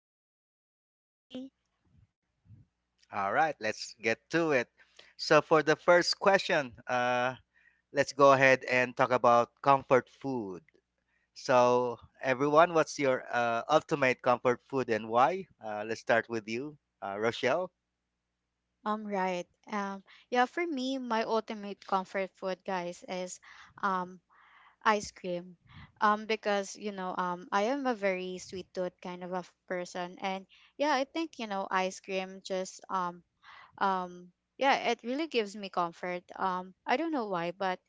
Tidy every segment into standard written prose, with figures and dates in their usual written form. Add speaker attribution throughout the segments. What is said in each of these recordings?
Speaker 1: your co-host for today.
Speaker 2: All right, let's get to it. So for the first question, let's go ahead and talk about comfort food. So, everyone, what's your ultimate comfort food and why? Let's start with you, Rochelle.
Speaker 3: Right. Yeah, for me, my ultimate comfort food, guys, is um ice cream. Because I am a very sweet tooth kind of a person, and yeah, I think, ice cream just um yeah it really gives me comfort. I don't know why, but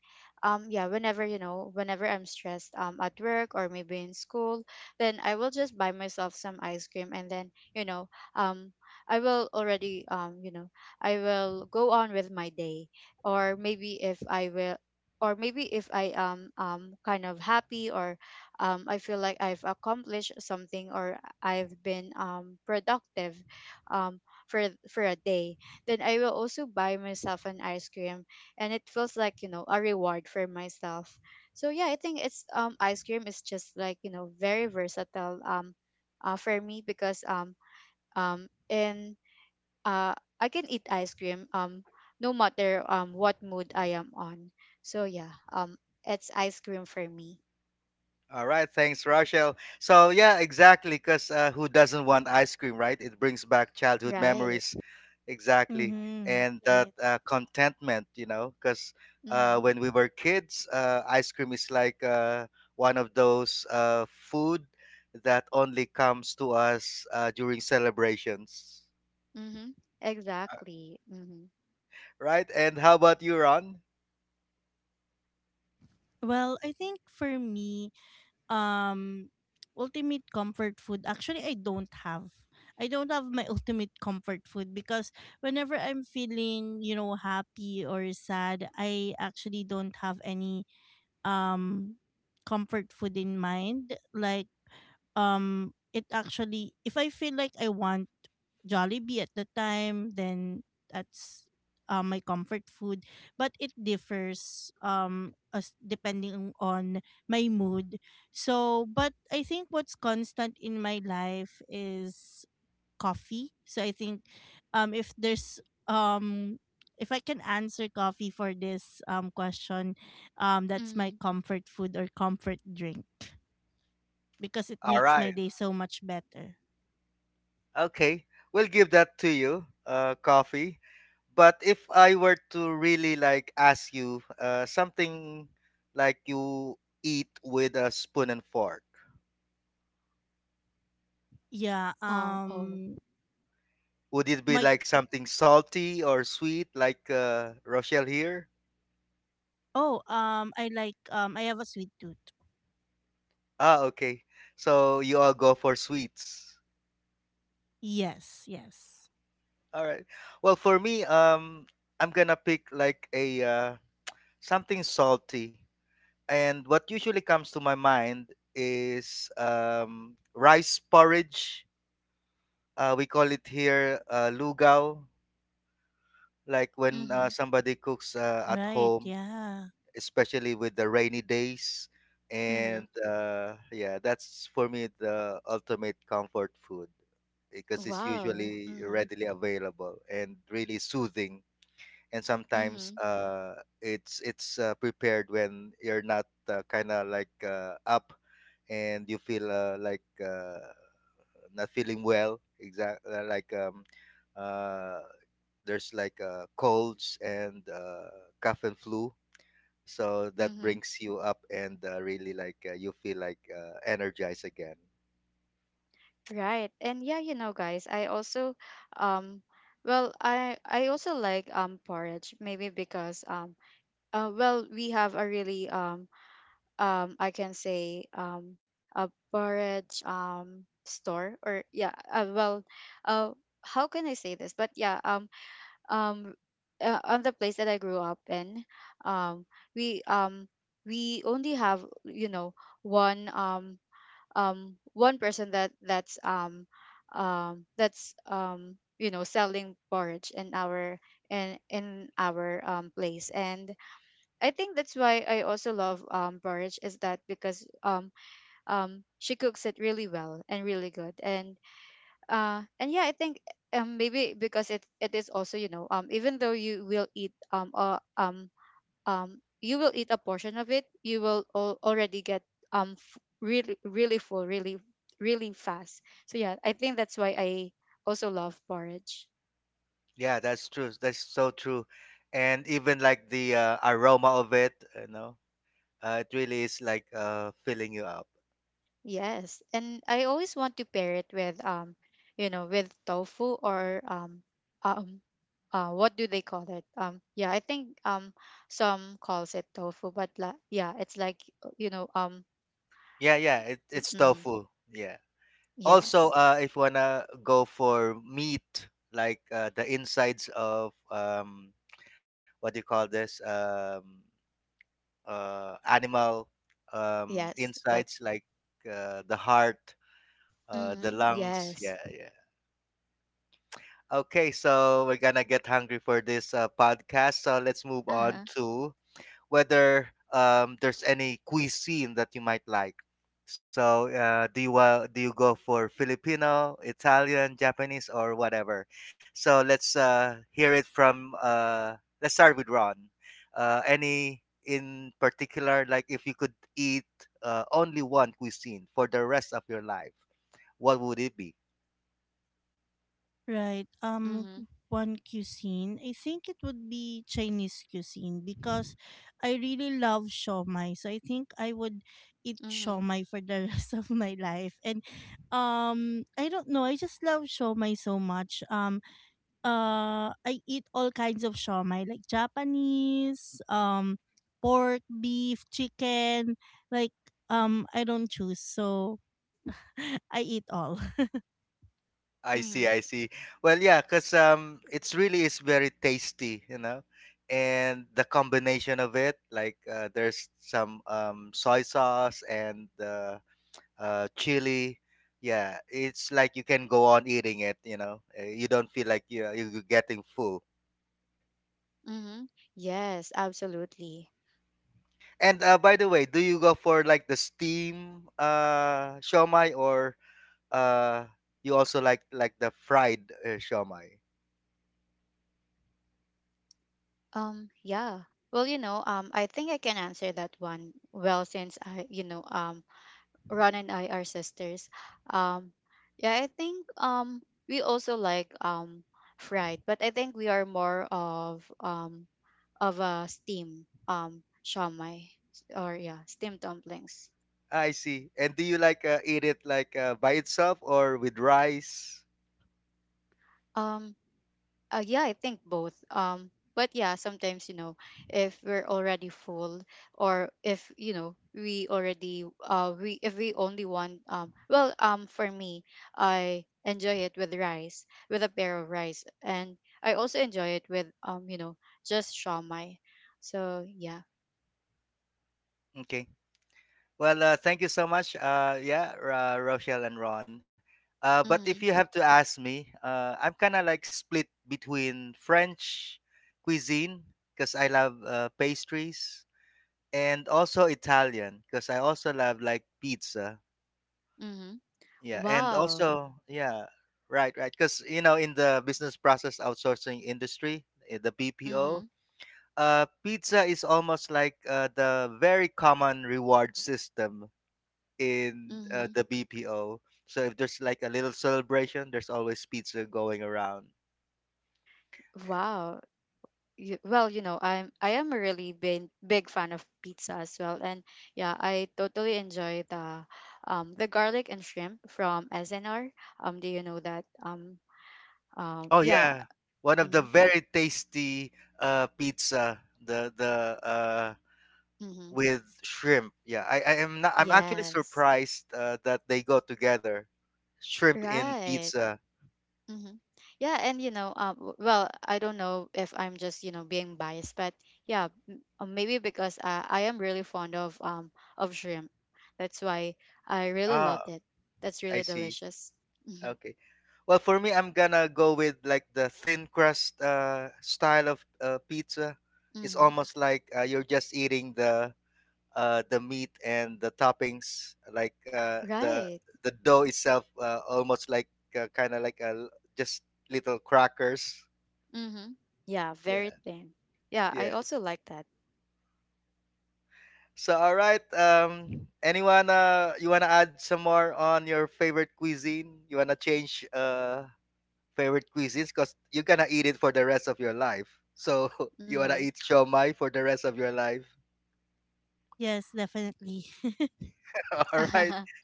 Speaker 3: yeah whenever, whenever I'm stressed at work or maybe in school, then I will just buy myself some ice cream, and then, um I will already you know I will go on with my day. Or maybe if I will or maybe if I am kind of happy, or I feel like I've accomplished something, or I've been productive um for a day, then I will also buy myself an ice cream, and it feels like a reward for myself. So yeah, I think it's ice cream is just like, very versatile for me, because and uh I can eat ice cream no matter what mood I am on. So yeah, it's ice cream for me.
Speaker 2: All right, thanks, Rochelle. So, yeah, exactly, because who doesn't want ice cream, right? It brings back childhood
Speaker 3: Right.
Speaker 2: memories, exactly,
Speaker 1: Mhm.
Speaker 2: and that
Speaker 1: Right.
Speaker 2: contentment, because
Speaker 3: Mhm.
Speaker 2: when we were kids, ice cream is like one of those food that only comes to us during celebrations,
Speaker 3: Mhm. Exactly. Mhm.
Speaker 2: right? And how about you, Ron?
Speaker 1: Well, I think for me, um ultimate comfort food actually I don't have. I don't have my ultimate comfort food because whenever I'm feeling, you know, happy or sad, I actually don't have any um comfort food in mind. Like it actually if I feel like I want Jollibee at the time, then that's my comfort food. But it differs as depending on my mood. So, but I think what's constant in my life is coffee. So I think if there's um if I can answer coffee for this question, that's my
Speaker 3: Mhm.
Speaker 1: comfort food or comfort drink because it
Speaker 2: All
Speaker 1: makes my
Speaker 2: right.
Speaker 1: day so much better.
Speaker 2: Okay. We'll give that to you, coffee. But if I were to really like ask you something like you eat with a spoon and fork,
Speaker 1: Yeah,
Speaker 3: Oh, oh.
Speaker 2: would it be
Speaker 1: my
Speaker 2: like something salty or sweet, like Rochelle here?
Speaker 1: oh, I like I have a sweet tooth.
Speaker 2: Ah, okay. So you all go for sweets.
Speaker 1: Yes, yes.
Speaker 2: All right. Well, for me, I'm gonna pick like a something salty. And what usually comes to my mind is rice porridge. We call it here lugaw, like when
Speaker 3: Mhm.
Speaker 2: somebody cooks at
Speaker 1: Right,
Speaker 2: home,
Speaker 1: yeah.
Speaker 2: especially with the rainy days. And
Speaker 3: Mhm.
Speaker 2: yeah, that's for me the ultimate comfort food because it's
Speaker 3: Wow.
Speaker 2: usually
Speaker 3: Mhm.
Speaker 2: readily available and really soothing. And sometimes
Speaker 3: Mhm.
Speaker 2: it's prepared when you're not kind of like up and you feel like not feeling well exact like uh, there's like colds and cough and flu, so that
Speaker 3: Mm-hmm.
Speaker 2: brings you up and really like you feel like energized again.
Speaker 3: Right. And yeah, guys, I also um I also like porridge, maybe because we have a really I can say a porridge store, or yeah, uh how can I say this? But yeah, um on the place that I grew up in, um we um we only have, you know, one um one person that that's selling porridge in our place, and I think that's why I also love porridge is that, because she cooks it really well and really good. And I think maybe because it is also, you know, even though you will eat a portion of it, you will already get really really full really really fast. So yeah, I think that's why I also love porridge.
Speaker 2: Yeah, that's true, that's so true. And even like the aroma of it, you know it really is like filling you up.
Speaker 3: Yes, and I always want to pair it with tofu or um what do they call it? Yeah I think Some calls it tofu, but yeah, it's like,
Speaker 2: Yeah, yeah, it,
Speaker 3: mm,
Speaker 2: it's
Speaker 3: mm,
Speaker 2: tofu. Yeah. Also,
Speaker 3: yes,
Speaker 2: if you wanna go for meat, like the insides of what do you call this? Animal
Speaker 3: yes, like,
Speaker 2: insides, like the heart, the
Speaker 3: mm,
Speaker 2: lungs.
Speaker 3: yes.
Speaker 2: Yeah, yeah. Okay, so we're gonna get hungry for this podcast. So let's move on
Speaker 3: Uh-huh.
Speaker 2: to whether there's any cuisine that you might like. So, do you go for Filipino, Italian, Japanese, or whatever? So let's hear it from. Let's start with Ron. Any in particular, like if you could eat only one cuisine for the rest of your life, what would it be?
Speaker 1: Right.
Speaker 3: Mhm.
Speaker 1: One cuisine, I think it would be Chinese cuisine because I really love shawmai. So I think I would eat
Speaker 3: Mm-hmm.
Speaker 1: shawmai for the rest of my life. And I don't know, I just love shawmai so much. I eat all kinds of shawmai like Japanese, pork, beef, chicken, like I don't choose. So I eat all.
Speaker 2: I see,
Speaker 3: Mm-hmm.
Speaker 2: I see. Well, yeah, because it's really is very tasty, you know, and the combination of it, like there's some soy sauce and chili. Yeah, it's like you can go on eating it, you know. You don't feel like you're getting full.
Speaker 3: Mm-hmm. Yes, absolutely.
Speaker 2: And by the way, do you go for like the steam shomai or uh, you also like the fried shomai?
Speaker 3: Yeah. Well, I think I can answer that one well, since Ron and I are sisters. Um, yeah, I think we also like fried, but I think we are more of a steam shawmai, or yeah, steam dumplings.
Speaker 2: I see. And do you like eat it like by itself or with rice?
Speaker 3: Um, yeah, I think both. But yeah, sometimes, you know, if we're already full, or if you know we already we if we only want, for me, I enjoy it with rice, with a pair of rice, and I also enjoy it with just shawmai. So yeah.
Speaker 2: Okay. Well, thank you so much. Yeah, Rochelle and Ron. But
Speaker 3: Mm-hmm.
Speaker 2: if you have to ask me, I'm kind of like split between French cuisine because I love pastries and also Italian because I also love like pizza.
Speaker 3: Mm-hmm.
Speaker 2: Yeah, and
Speaker 3: Wow.
Speaker 2: also yeah, right, right. Because you know, in the business process outsourcing industry, the BPO,
Speaker 3: Mm-hmm.
Speaker 2: pizza is almost like the very common reward system in
Speaker 3: Mm-hmm.
Speaker 2: the BPO. So if there's like a little celebration, there's always pizza going around.
Speaker 3: Wow. you, well, you know, I'm I am a really big big fan of pizza as well, and yeah, I totally enjoy the garlic and shrimp from SNR. Do you know that?
Speaker 2: Oh
Speaker 3: Yeah.
Speaker 2: yeah, one of the
Speaker 3: Mm-hmm,
Speaker 2: very tasty pizza, the
Speaker 3: mm-hmm,
Speaker 2: with shrimp. Yeah, I am not. I'm actually
Speaker 3: yes,
Speaker 2: surprised that they go together, shrimp in
Speaker 3: right,
Speaker 2: pizza.
Speaker 3: mm-hmm, yeah. And, you know, I don't know if I'm just, you know, being biased, but yeah, maybe because I am really fond of shrimp, that's why I really
Speaker 2: Ah,
Speaker 3: loved it. That's
Speaker 2: I
Speaker 3: really
Speaker 2: see.
Speaker 3: delicious. Mm-hmm.
Speaker 2: Okay. Well, for me, I'm gonna go with like the thin crust style of pizza. It's
Speaker 3: Mm-hmm.
Speaker 2: almost like you're just eating the meat and the toppings, like
Speaker 3: Right.
Speaker 2: the dough itself, almost like kind of like a just little crackers.
Speaker 3: Mm-hmm. Yeah, very
Speaker 2: Yeah.
Speaker 3: thin. Yeah, I
Speaker 2: Yes.
Speaker 3: also like that.
Speaker 2: So, all right. Anyone? You wanna add some more on your favorite cuisine? You wanna change? Favorite cuisines because you're gonna eat it for the rest of your life. So you wanna
Speaker 3: Mm-hmm.
Speaker 2: eat shomai for the rest of your life.
Speaker 1: Yes, definitely.
Speaker 2: All right.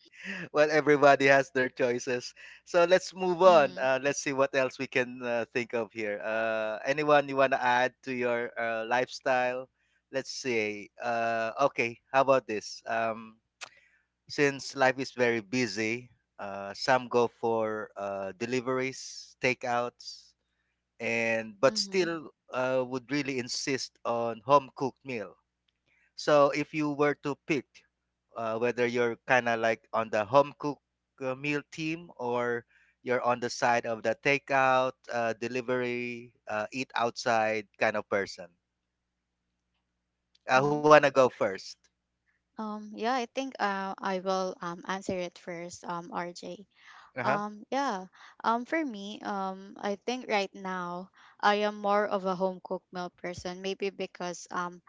Speaker 2: Well, everybody has their choices. So let's move on.
Speaker 3: Mm-hmm.
Speaker 2: Let's see what else we can think of here. Anyone you wanna add to your lifestyle? Let's see. Okay. How about this? Since life is very busy, some go for deliveries, takeouts. And but
Speaker 3: Mm-hmm.
Speaker 2: still would really insist on home cooked meal. So if you were to pick whether you're kind of like on the home cook meal team or you're on the side of the takeout, delivery, eat outside kind of person. Who
Speaker 3: Mm-hmm.
Speaker 2: wanna go first?
Speaker 3: Yeah, I think I will answer it first, RJ.
Speaker 2: Uh huh.
Speaker 3: Yeah, for me, I think right now I am more of a home cooked meal person, maybe because,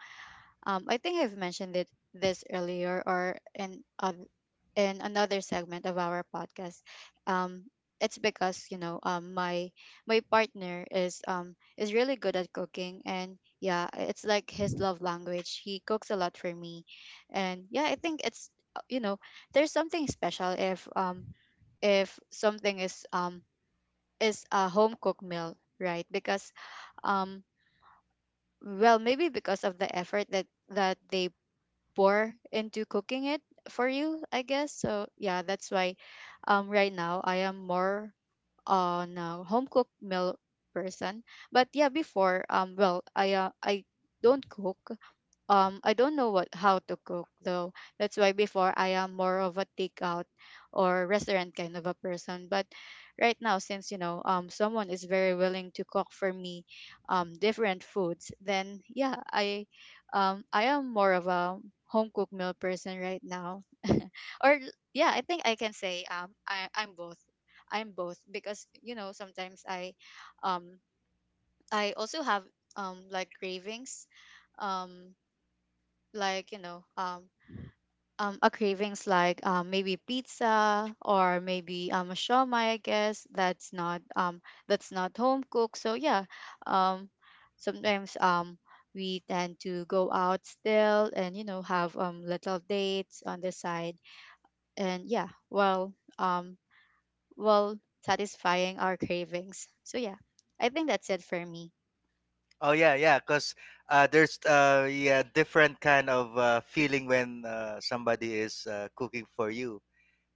Speaker 3: I think I've mentioned it this earlier, or in another segment of our podcast. Um, it's because, you know, my partner is really good at cooking, and yeah, it's like his love language, he cooks a lot for me, and yeah, I think it's you know, there's something special if something is a home cooked meal, right? Because um maybe because of the effort that they pour into cooking it for you, I guess. So yeah, that's why right now I am more on a home cooked meal person. But yeah, before, I don't cook. I don't know what how to cook, though. That's why before I am more of a takeout or restaurant kind of a person. But right now, since, you know, someone is very willing to cook for me different foods, then yeah, I am more of a home cooked meal person right now. Or yeah, I think I can say I'm both. I'm both because, you know, sometimes um I also have like cravings. Um like, you know, a cravings, like maybe pizza, or maybe a shawmai, I guess that's not, home cooked. So yeah, um sometimes, we tend to go out still, and, you know, have little dates on the side, and yeah, um well satisfying our cravings. So yeah, I think that's it for me.
Speaker 2: Oh yeah, yeah. Cause there's yeah different kind of feeling when somebody is cooking for you,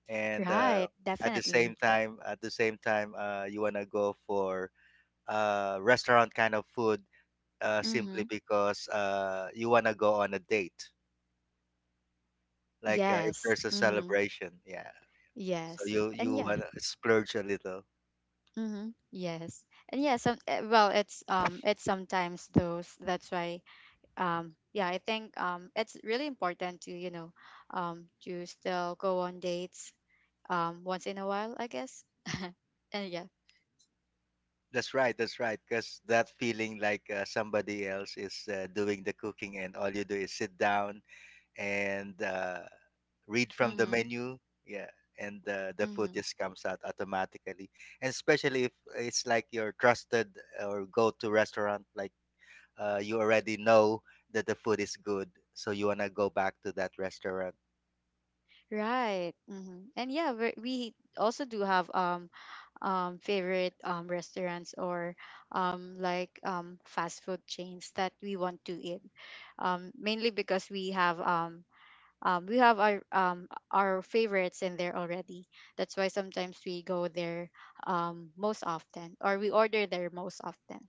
Speaker 2: and
Speaker 3: Right,
Speaker 2: at the same
Speaker 3: definitely.
Speaker 2: time at the same time you want to go for restaurant kind of food,
Speaker 3: Mm-hmm.
Speaker 2: simply because you want to go on a date, like if
Speaker 3: Yes.
Speaker 2: there's a
Speaker 3: Mm-hmm.
Speaker 2: celebration, yeah, so
Speaker 3: Yes.
Speaker 2: you
Speaker 3: And yeah.
Speaker 2: want to splurge a little.
Speaker 3: Mm-hmm. Yes. And yeah, it's sometimes those, that's why yeah, I think it's really important to still go on dates once in a while, I guess. And yeah.
Speaker 2: That's right, that's right, because that feeling like somebody else is doing the cooking and all you do is sit down and read from the
Speaker 3: Mm-hmm.
Speaker 2: menu. Yeah, and the food
Speaker 3: Mm-hmm.
Speaker 2: just comes out automatically. And especially if it's like your trusted or go-to restaurant, like you already know that the food is good, so you wanna go back to that restaurant.
Speaker 3: Right. Mm-hmm. And yeah, we also do have favorite restaurants, or like fast food chains that we want to eat, mainly because we have our favorites in there already. That's why sometimes we go there, most often, or we order there most often.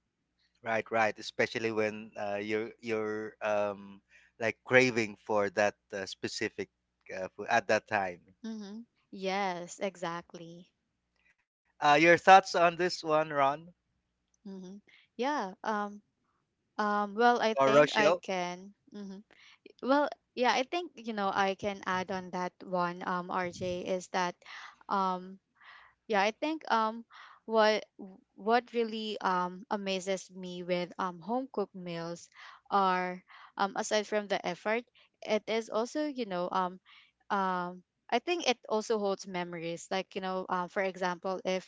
Speaker 2: Right, right. Especially when you're like craving for that specific food at that time.
Speaker 3: Mm-hmm. Yes, exactly.
Speaker 2: Your thoughts on this one, Ron
Speaker 3: Mm-hmm. Yeah. Well, I
Speaker 2: or
Speaker 3: think I
Speaker 2: Rochelle?
Speaker 3: can. Mm-hmm. Well, yeah. I think, you know, I can add on that one. RJ is that, um, yeah, I think what what really amazes me with home cooked meals are, aside from the effort, it is also, you know, um I think it also holds memories. Like, you know, for example, if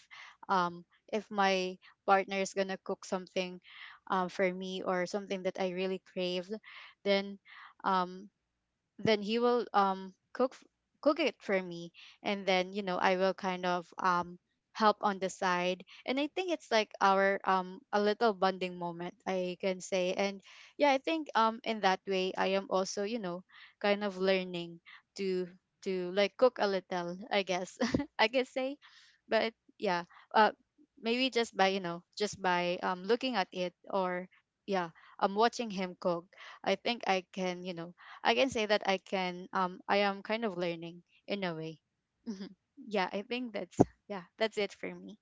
Speaker 3: um my partner is gonna cook something for me, or something that I really craved, then um he will cook it for me, and then, you know, I will kind of help on the side, and I think it's like our a little bonding moment, I can say. And yeah, I think in that way, I am also, you know, kind of learning to to like cook a little, I guess, I can say. But yeah, uh maybe just by, you know, just by looking at it, or yeah, I'm watching him cook. I think I can, you know, I can say that I can I am kind of learning in a way. Hmm. Yeah, I think that's it for me.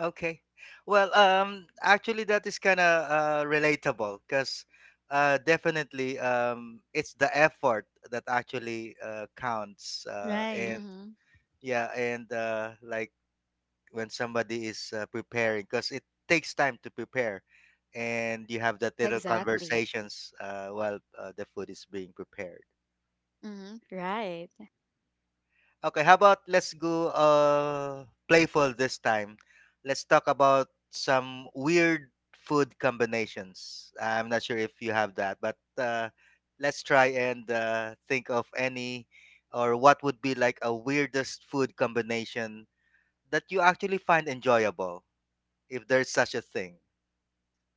Speaker 2: Okay. Well, actually, that is kind of relatable because definitely it's the effort that actually counts. Uh,
Speaker 1: Right.
Speaker 2: and
Speaker 3: Mm-hmm.
Speaker 2: yeah, and like when somebody is preparing, because it takes time to prepare, and you have that little
Speaker 3: Exactly.
Speaker 2: conversations while the food is being prepared.
Speaker 3: Mm-hmm. Right.
Speaker 2: Okay, how about let's go playful this time. Let's talk about some weird food combinations. I'm not sure if you have that, but let's try and think of any or what would be like a weirdest food combination that you actually find enjoyable, if there's such a thing.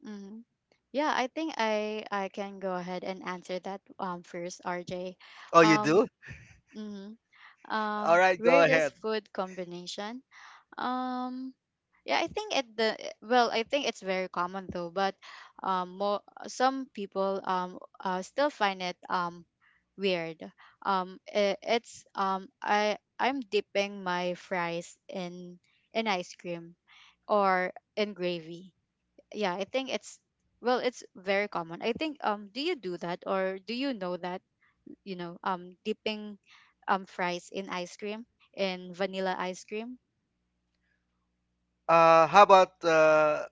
Speaker 3: Mm-hmm. Yeah, I think I can go ahead and answer that first, RJ.
Speaker 2: Oh, you
Speaker 3: Um,
Speaker 2: do?
Speaker 3: mm-hmm.
Speaker 2: All right, go ahead.
Speaker 3: Weirdest food combination. Um. Yeah, I think at the eh, well, I think it's very common, though, but more some people still find it weird. I I'm dipping my fries in ice cream, or in gravy. Yeah, I think it's very common. I think, do you do that, or do you know that, dipping fries in ice cream, in vanilla ice cream?
Speaker 2: How about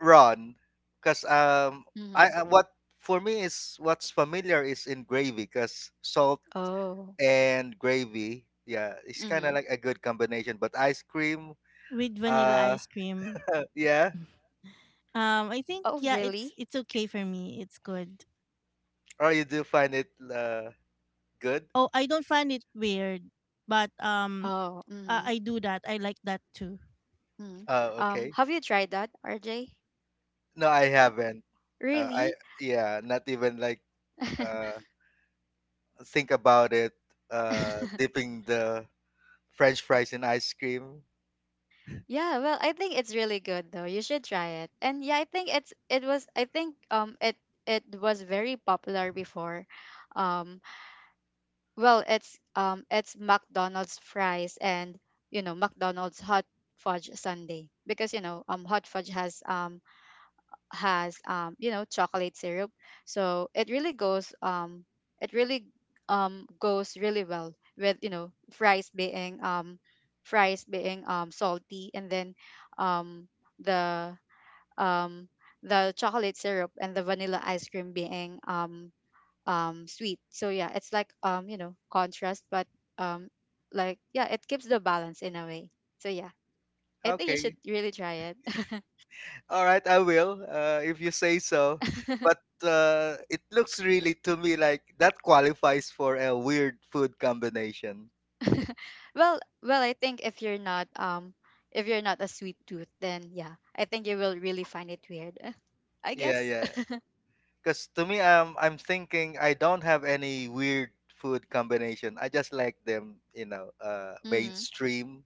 Speaker 2: Ron, because
Speaker 3: Mm-hmm.
Speaker 2: I what for me is what's familiar is in gravy, because salt
Speaker 3: Oh.
Speaker 2: and gravy, yeah, it's kind
Speaker 3: Mm-hmm.
Speaker 2: of like a good combination. But ice cream,
Speaker 1: With vanilla
Speaker 2: uh,
Speaker 1: ice cream.
Speaker 2: yeah,
Speaker 1: I think
Speaker 3: Oh,
Speaker 1: yeah, it's
Speaker 3: really?
Speaker 1: it's okay for me. It's good.
Speaker 2: or you do find it good?
Speaker 1: Oh, I don't find it weird, but um
Speaker 3: Oh. Mm-hmm.
Speaker 1: I, I do that. I like that too.
Speaker 3: mm
Speaker 2: Oh, okay.
Speaker 3: Have you tried that, RJ?
Speaker 2: No, I
Speaker 3: Uh,
Speaker 2: haven't. I
Speaker 3: Really?
Speaker 2: yeah, not even like uh think about it. Uh, dipping the French fries in ice cream.
Speaker 3: Yeah. Well, I think it's really good, though. You should try it. And yeah, I think it was very popular before. Um, well, it's McDonald's fries and you know McDonald's hot fudge sundae, because you know hot fudge has you know chocolate syrup, so it really goes really well with you know fries being salty, and then um the um the chocolate syrup and the vanilla ice cream being sweet. So yeah, it's like you know contrast, but um like yeah, it keeps the balance in a way, so yeah, I think you should
Speaker 2: Okay.
Speaker 3: really try it.
Speaker 2: All right, I will, if you say so. But it looks really to me like that qualifies for a weird food combination.
Speaker 3: Well, I think if you're not a sweet tooth, then yeah, I think you will really find it weird. I
Speaker 2: Yeah,
Speaker 3: guess.
Speaker 2: yeah. Because to me, I'm thinking I don't have any weird food combination. I just like them, you know,
Speaker 3: hmm.
Speaker 2: mainstream.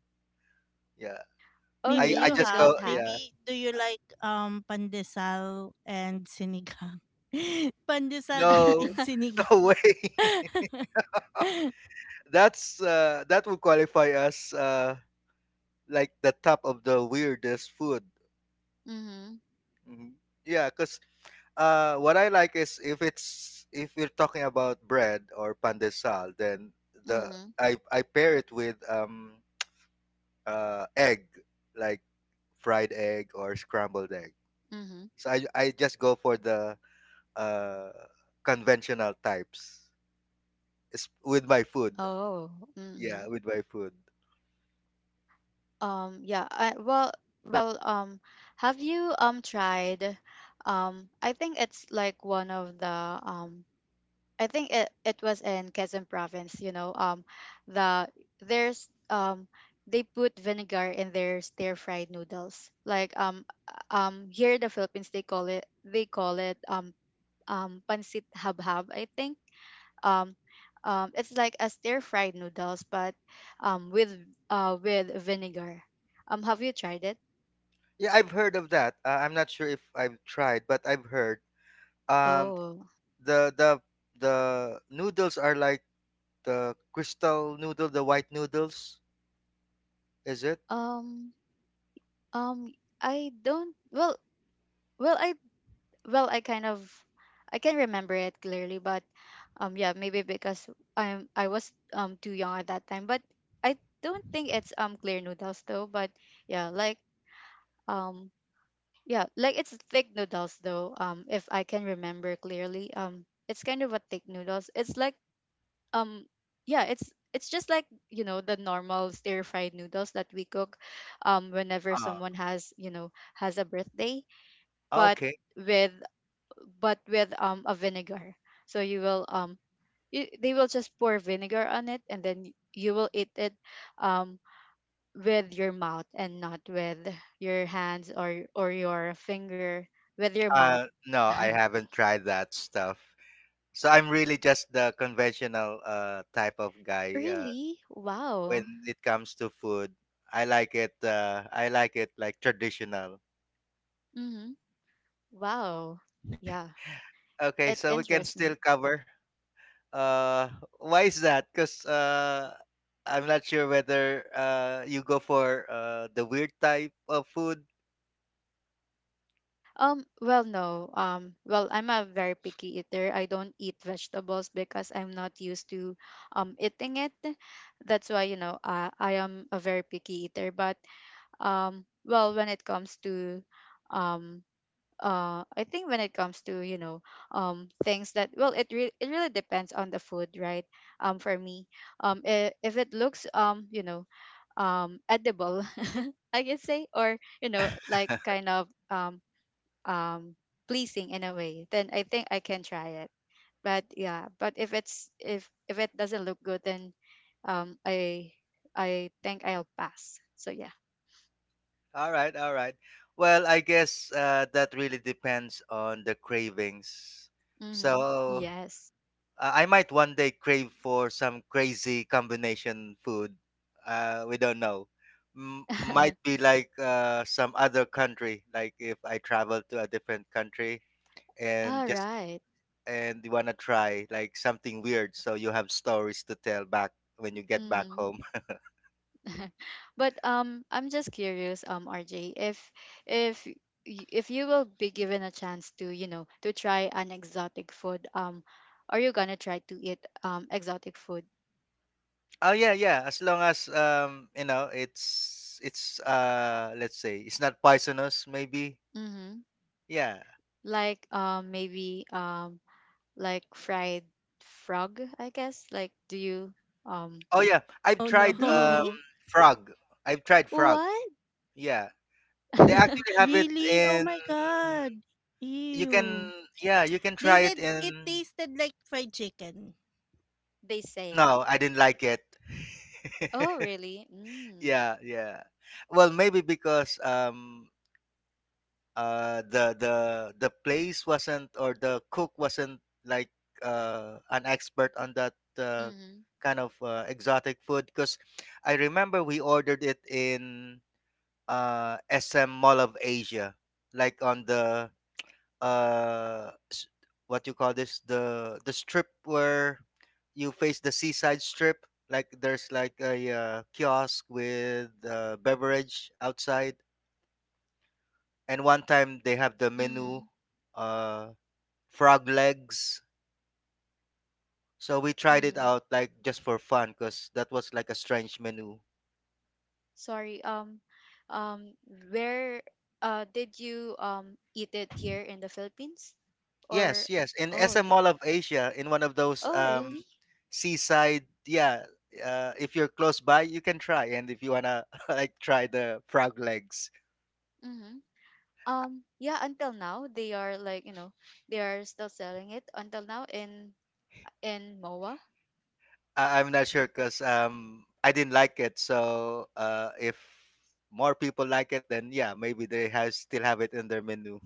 Speaker 2: Yeah.
Speaker 3: Oh,
Speaker 1: Maybe
Speaker 2: I
Speaker 3: really?
Speaker 1: you
Speaker 3: You
Speaker 2: just go,
Speaker 1: have.
Speaker 3: don't have?
Speaker 2: yeah.
Speaker 1: Maybe do you like pandesal and sinigang? Pandesal deep in
Speaker 2: No,
Speaker 1: sinigang.
Speaker 2: no way. That's that would qualify as like the top of the weirdest food.
Speaker 3: Mm-hmm.
Speaker 2: Mhm. Yeah, because what I like is, if you're talking about bread or pan de sal, then the
Speaker 3: Mm-hmm.
Speaker 2: I pair it with egg, like fried egg or scrambled egg.
Speaker 3: Mm-hmm.
Speaker 2: So I just go for the uh conventional types. It's with my food.
Speaker 3: Oh.
Speaker 2: Yeah,
Speaker 3: Mm-hmm.
Speaker 2: with my food.
Speaker 3: Yeah. I, well. Well. Have you tried? I think it's like one of the um I think it was in Quezon province, you know, the there's they put vinegar in their stir fried noodles. Like here in the Philippines they call it pancit habhab, I think. Um it's like a stir fried noodles but um with with vinegar. Have you tried it?
Speaker 2: Yeah, I've heard of that. I'm not sure if I've tried, but I've heard um
Speaker 3: Oh.
Speaker 2: the the the noodles are like the crystal noodle, the white noodles. Is it?
Speaker 3: Um um I don't, well, well I, well I kind of I can remember it clearly, but yeah, maybe because I was too young at that time, but I don't think it's clear noodles though, but yeah, like um yeah, like it's thick noodles though, if I can remember clearly it's kind of a thick noodles, it's like um yeah, it's just like you know the normal stir fried noodles that we cook whenever
Speaker 2: Oh,
Speaker 3: someone has you know has a birthday, but
Speaker 2: okay.
Speaker 3: with, but with a vinegar. So you will you, they will just pour vinegar on it, and then you will eat it um with your mouth and not with your hands or your finger, with your mouth.
Speaker 2: No, I haven't tried that stuff. So I'm really just the conventional type of guy
Speaker 3: really?
Speaker 2: when
Speaker 3: Wow.
Speaker 2: it comes to food. I like it. I like it like traditional.
Speaker 3: Mhm. Wow. Yeah.
Speaker 2: Okay,
Speaker 3: It
Speaker 2: so we can
Speaker 3: interests
Speaker 2: still
Speaker 3: me.
Speaker 2: cover. Uh, why is that? Because I'm not sure whether you go for the weird type of food.
Speaker 3: Well, no. Well, I'm a very picky eater. I don't eat vegetables because I'm not used to eating it. That's why, you know, I am a very picky eater. But well, when it comes to um I think when it comes to, you know, things that, well, it really depends on the food, right? For me, if it looks you know, edible, I can say, or, you know, like kind of um pleasing in a way, then I think I can try it, but yeah, but if it's, if it doesn't look good, then um I I think I'll pass, so yeah.
Speaker 2: All right, all right. Well, I guess that really depends on the cravings.
Speaker 3: mm-hmm.
Speaker 2: So
Speaker 3: Yes.
Speaker 2: I might one day crave for some crazy combination food. We don't know. Might be like some other country. Like if I travel to a different country and
Speaker 3: all
Speaker 2: just
Speaker 3: right.
Speaker 2: and you wanna try like something weird, so you have stories to tell back when you get back
Speaker 3: mm-hmm.
Speaker 2: home.
Speaker 3: But I'm just curious rj, if if you will be given a chance to you know to try an exotic food, are you gonna try to eat exotic food?
Speaker 2: Oh yeah, yeah. As long as you know, it's let's say it's not poisonous, maybe.
Speaker 3: Mm-hmm.
Speaker 2: Yeah.
Speaker 3: Like maybe like fried frog, I guess. Like do you um
Speaker 2: Oh yeah, I've
Speaker 1: Oh
Speaker 2: tried
Speaker 3: really?
Speaker 1: no.
Speaker 2: frog. I've tried frog.
Speaker 3: What?
Speaker 2: Yeah, they actually have it
Speaker 1: Really? Oh
Speaker 2: in.
Speaker 1: my god.
Speaker 2: You can,
Speaker 1: Ew.
Speaker 2: yeah, you can
Speaker 1: They
Speaker 2: try it
Speaker 1: said it
Speaker 2: in.
Speaker 1: tasted like fried chicken.
Speaker 3: they say.
Speaker 2: No, I didn't like it.
Speaker 3: Oh really? Mm.
Speaker 2: Yeah, yeah. Well, maybe because the place wasn't, or the cook wasn't like an expert on that
Speaker 3: Mhm.
Speaker 2: kind of exotic food, because I remember we ordered it in SM Mall of Asia, like on the uh s- what you call this, the strip where you face the seaside, strip like there's like a kiosk with beverage outside, and one time they have the menu,
Speaker 3: Mhm.
Speaker 2: uh frog legs, so we tried it
Speaker 3: Mhm.
Speaker 2: out like just for fun because that was like a strange menu.
Speaker 3: Sorry. Um where did you eat it here in the Philippines?
Speaker 2: yes
Speaker 3: Or
Speaker 2: yes in
Speaker 3: oh
Speaker 2: SM Mall of Asia, in one of those
Speaker 3: oh really?
Speaker 2: seaside. Yeah, if you're close by, you can try, and if you wanna like try the frog legs.
Speaker 3: Mhm. Yeah, until now they are like, you know, they are still selling it until now in. In MOA?
Speaker 2: I'm not sure because I didn't like it, so uh, if more people like it, then yeah, maybe they have still have it in their menu.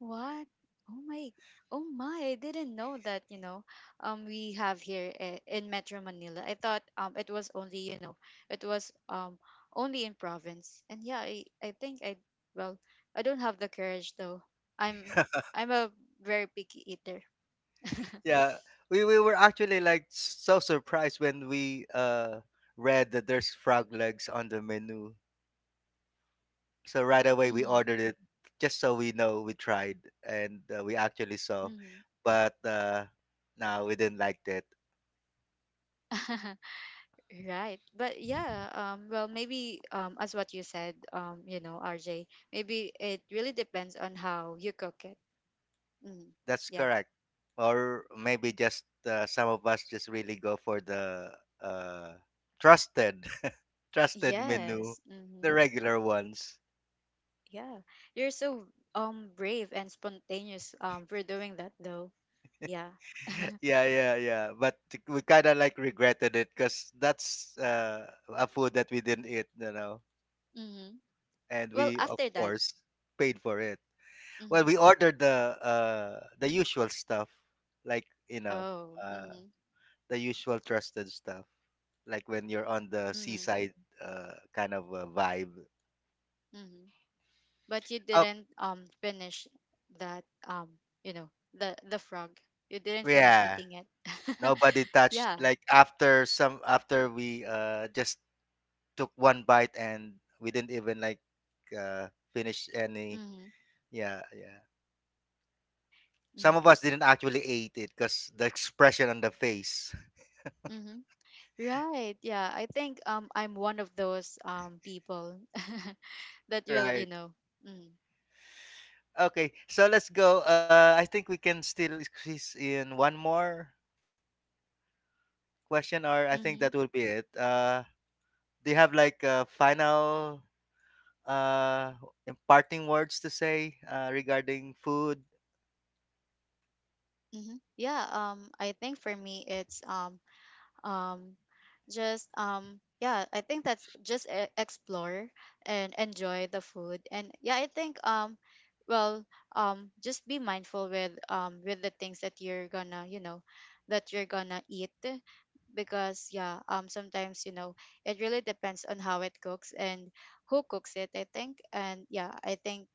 Speaker 3: What? Oh my, oh my, I didn't know that, you know, we have here in Metro Manila. I thought it was only, you know, it was only in province. And yeah, I think I, well, I don't have the courage though. I'm I'm a very picky eater.
Speaker 2: Yeah, we were actually like so surprised when we read that there's frog legs on the menu. So right away we
Speaker 3: Mm-hmm.
Speaker 2: ordered it just so we know we tried, and we actually saw,
Speaker 3: Mm-hmm.
Speaker 2: but no, we didn't like that.
Speaker 3: Right. But yeah, well, maybe as what you said, you know, RJ, maybe it really depends on how you cook it. Mm,
Speaker 2: That's
Speaker 3: yeah.
Speaker 2: correct. Or maybe just some of us just really go for the uh trusted trusted menu,
Speaker 3: Yes.
Speaker 2: the
Speaker 3: Mm-hmm.
Speaker 2: regular ones.
Speaker 3: Yeah. You're so brave and spontaneous for doing that though. Yeah.
Speaker 2: Yeah, yeah, yeah. But we kind of like regretted it because that's a food that we didn't eat, you know,
Speaker 3: mm-hmm.
Speaker 2: and
Speaker 3: Well,
Speaker 2: we of
Speaker 3: after that.
Speaker 2: course paid for it. Well,
Speaker 3: Mm-hmm.
Speaker 2: we ordered the usual stuff, like you know,
Speaker 3: Oh.
Speaker 2: uh,
Speaker 3: Mm-hmm.
Speaker 2: the usual trusted stuff, like when you're on the
Speaker 3: Mm-hmm.
Speaker 2: seaside kind of a vibe.
Speaker 3: Mm-hmm. But you
Speaker 2: Oh
Speaker 3: didn't finish that you know the frog. You didn't finish
Speaker 2: yeah,
Speaker 3: eating it.
Speaker 2: nobody touched.
Speaker 3: yeah.
Speaker 2: Like after some, after we just took one bite and we didn't even like uh, finish any.
Speaker 3: Mm-hmm.
Speaker 2: Yeah, yeah. Some of
Speaker 3: Mm-hmm.
Speaker 2: us didn't actually ate it because the expression on the face.
Speaker 3: Mm-hmm. Right. Yeah. I think I'm one of those people that will you
Speaker 2: Right.
Speaker 3: know. Mm-hmm.
Speaker 2: Okay. So let's go. I think we can still squeeze in one more question, or I think that
Speaker 3: Mm-hmm.
Speaker 2: will be it. Do you have like a final uh imparting words to say, regarding food?
Speaker 3: Mm-hmm. Yeah, I think for me it's um just yeah I think that's just explore and enjoy the food, and yeah, I think well just be mindful with the things that you're gonna you know that you're gonna eat, because yeah, sometimes you know it really depends on how it cooks and who cooks it, I think. And yeah, I think,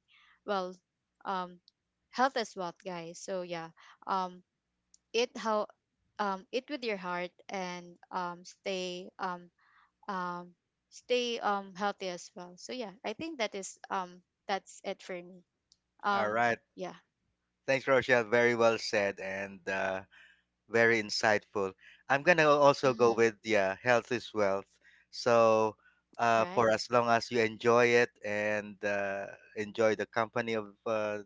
Speaker 3: well, um health is wealth guys, so yeah, um eat how eat with your heart and stay um stay healthy as well, so yeah, I think that is that's it for me.
Speaker 2: All
Speaker 3: um
Speaker 2: right.
Speaker 3: yeah.
Speaker 2: Thanks, Rochelle. Very well said. And very insightful. I'm gonna also go
Speaker 3: mm-hmm.
Speaker 2: with, yeah, health is wealth. So
Speaker 3: right.
Speaker 2: for as long as you enjoy it, and enjoy the company of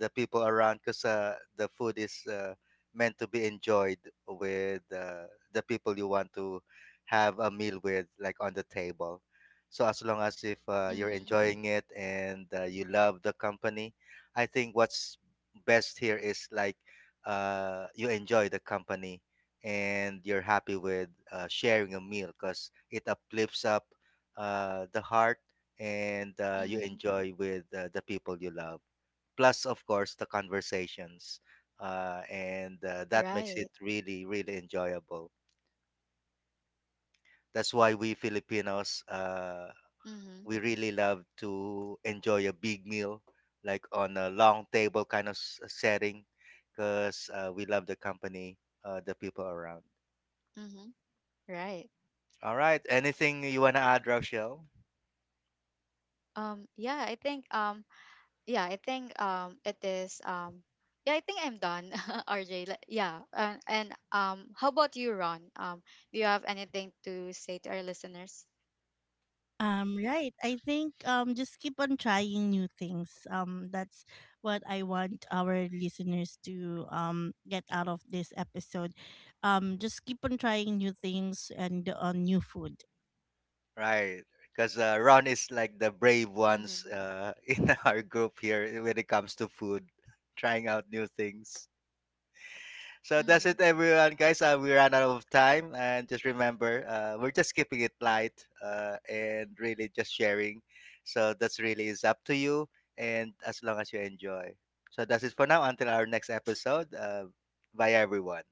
Speaker 2: the people around, because the food is meant to be enjoyed with the people you want to have a meal with, like on the table. So as long as if you're
Speaker 3: hmm.
Speaker 2: enjoying it and you love the company, I think what's best here is like you enjoy the company and you're happy with sharing a meal, because it uplifts up the heart, and you
Speaker 3: hmm.
Speaker 2: enjoy with the people you love, plus of course the conversations and that makes it
Speaker 3: right.
Speaker 2: really, really enjoyable. That's why we Filipinos
Speaker 3: hmm.
Speaker 2: we really love to enjoy a big meal, like on a long table kind of setting, because we love the company, the people around.
Speaker 3: hmm. right.
Speaker 2: All right, anything you want to add, Rochelle?
Speaker 3: Yeah, I think yeah, I think it is yeah, I think I'm done. RJ. Like, yeah. And how about you, ron? Do you have anything to say to our listeners?
Speaker 1: Right. I think just keep on trying new things. That's what I want our listeners to get out of this episode. Just keep on trying new things and on new food.
Speaker 2: Right, because Ron is like the brave ones
Speaker 3: Mm-hmm.
Speaker 2: in our group here, eh, when it comes to food, trying out new things. So that's it,
Speaker 3: Mhm.
Speaker 2: everyone, guys. We ran out of time, and just remember, we're just keeping it light and really just sharing. So that's really is up to you, and as long as you enjoy. So that's it for now. Until our next episode, bye, everyone.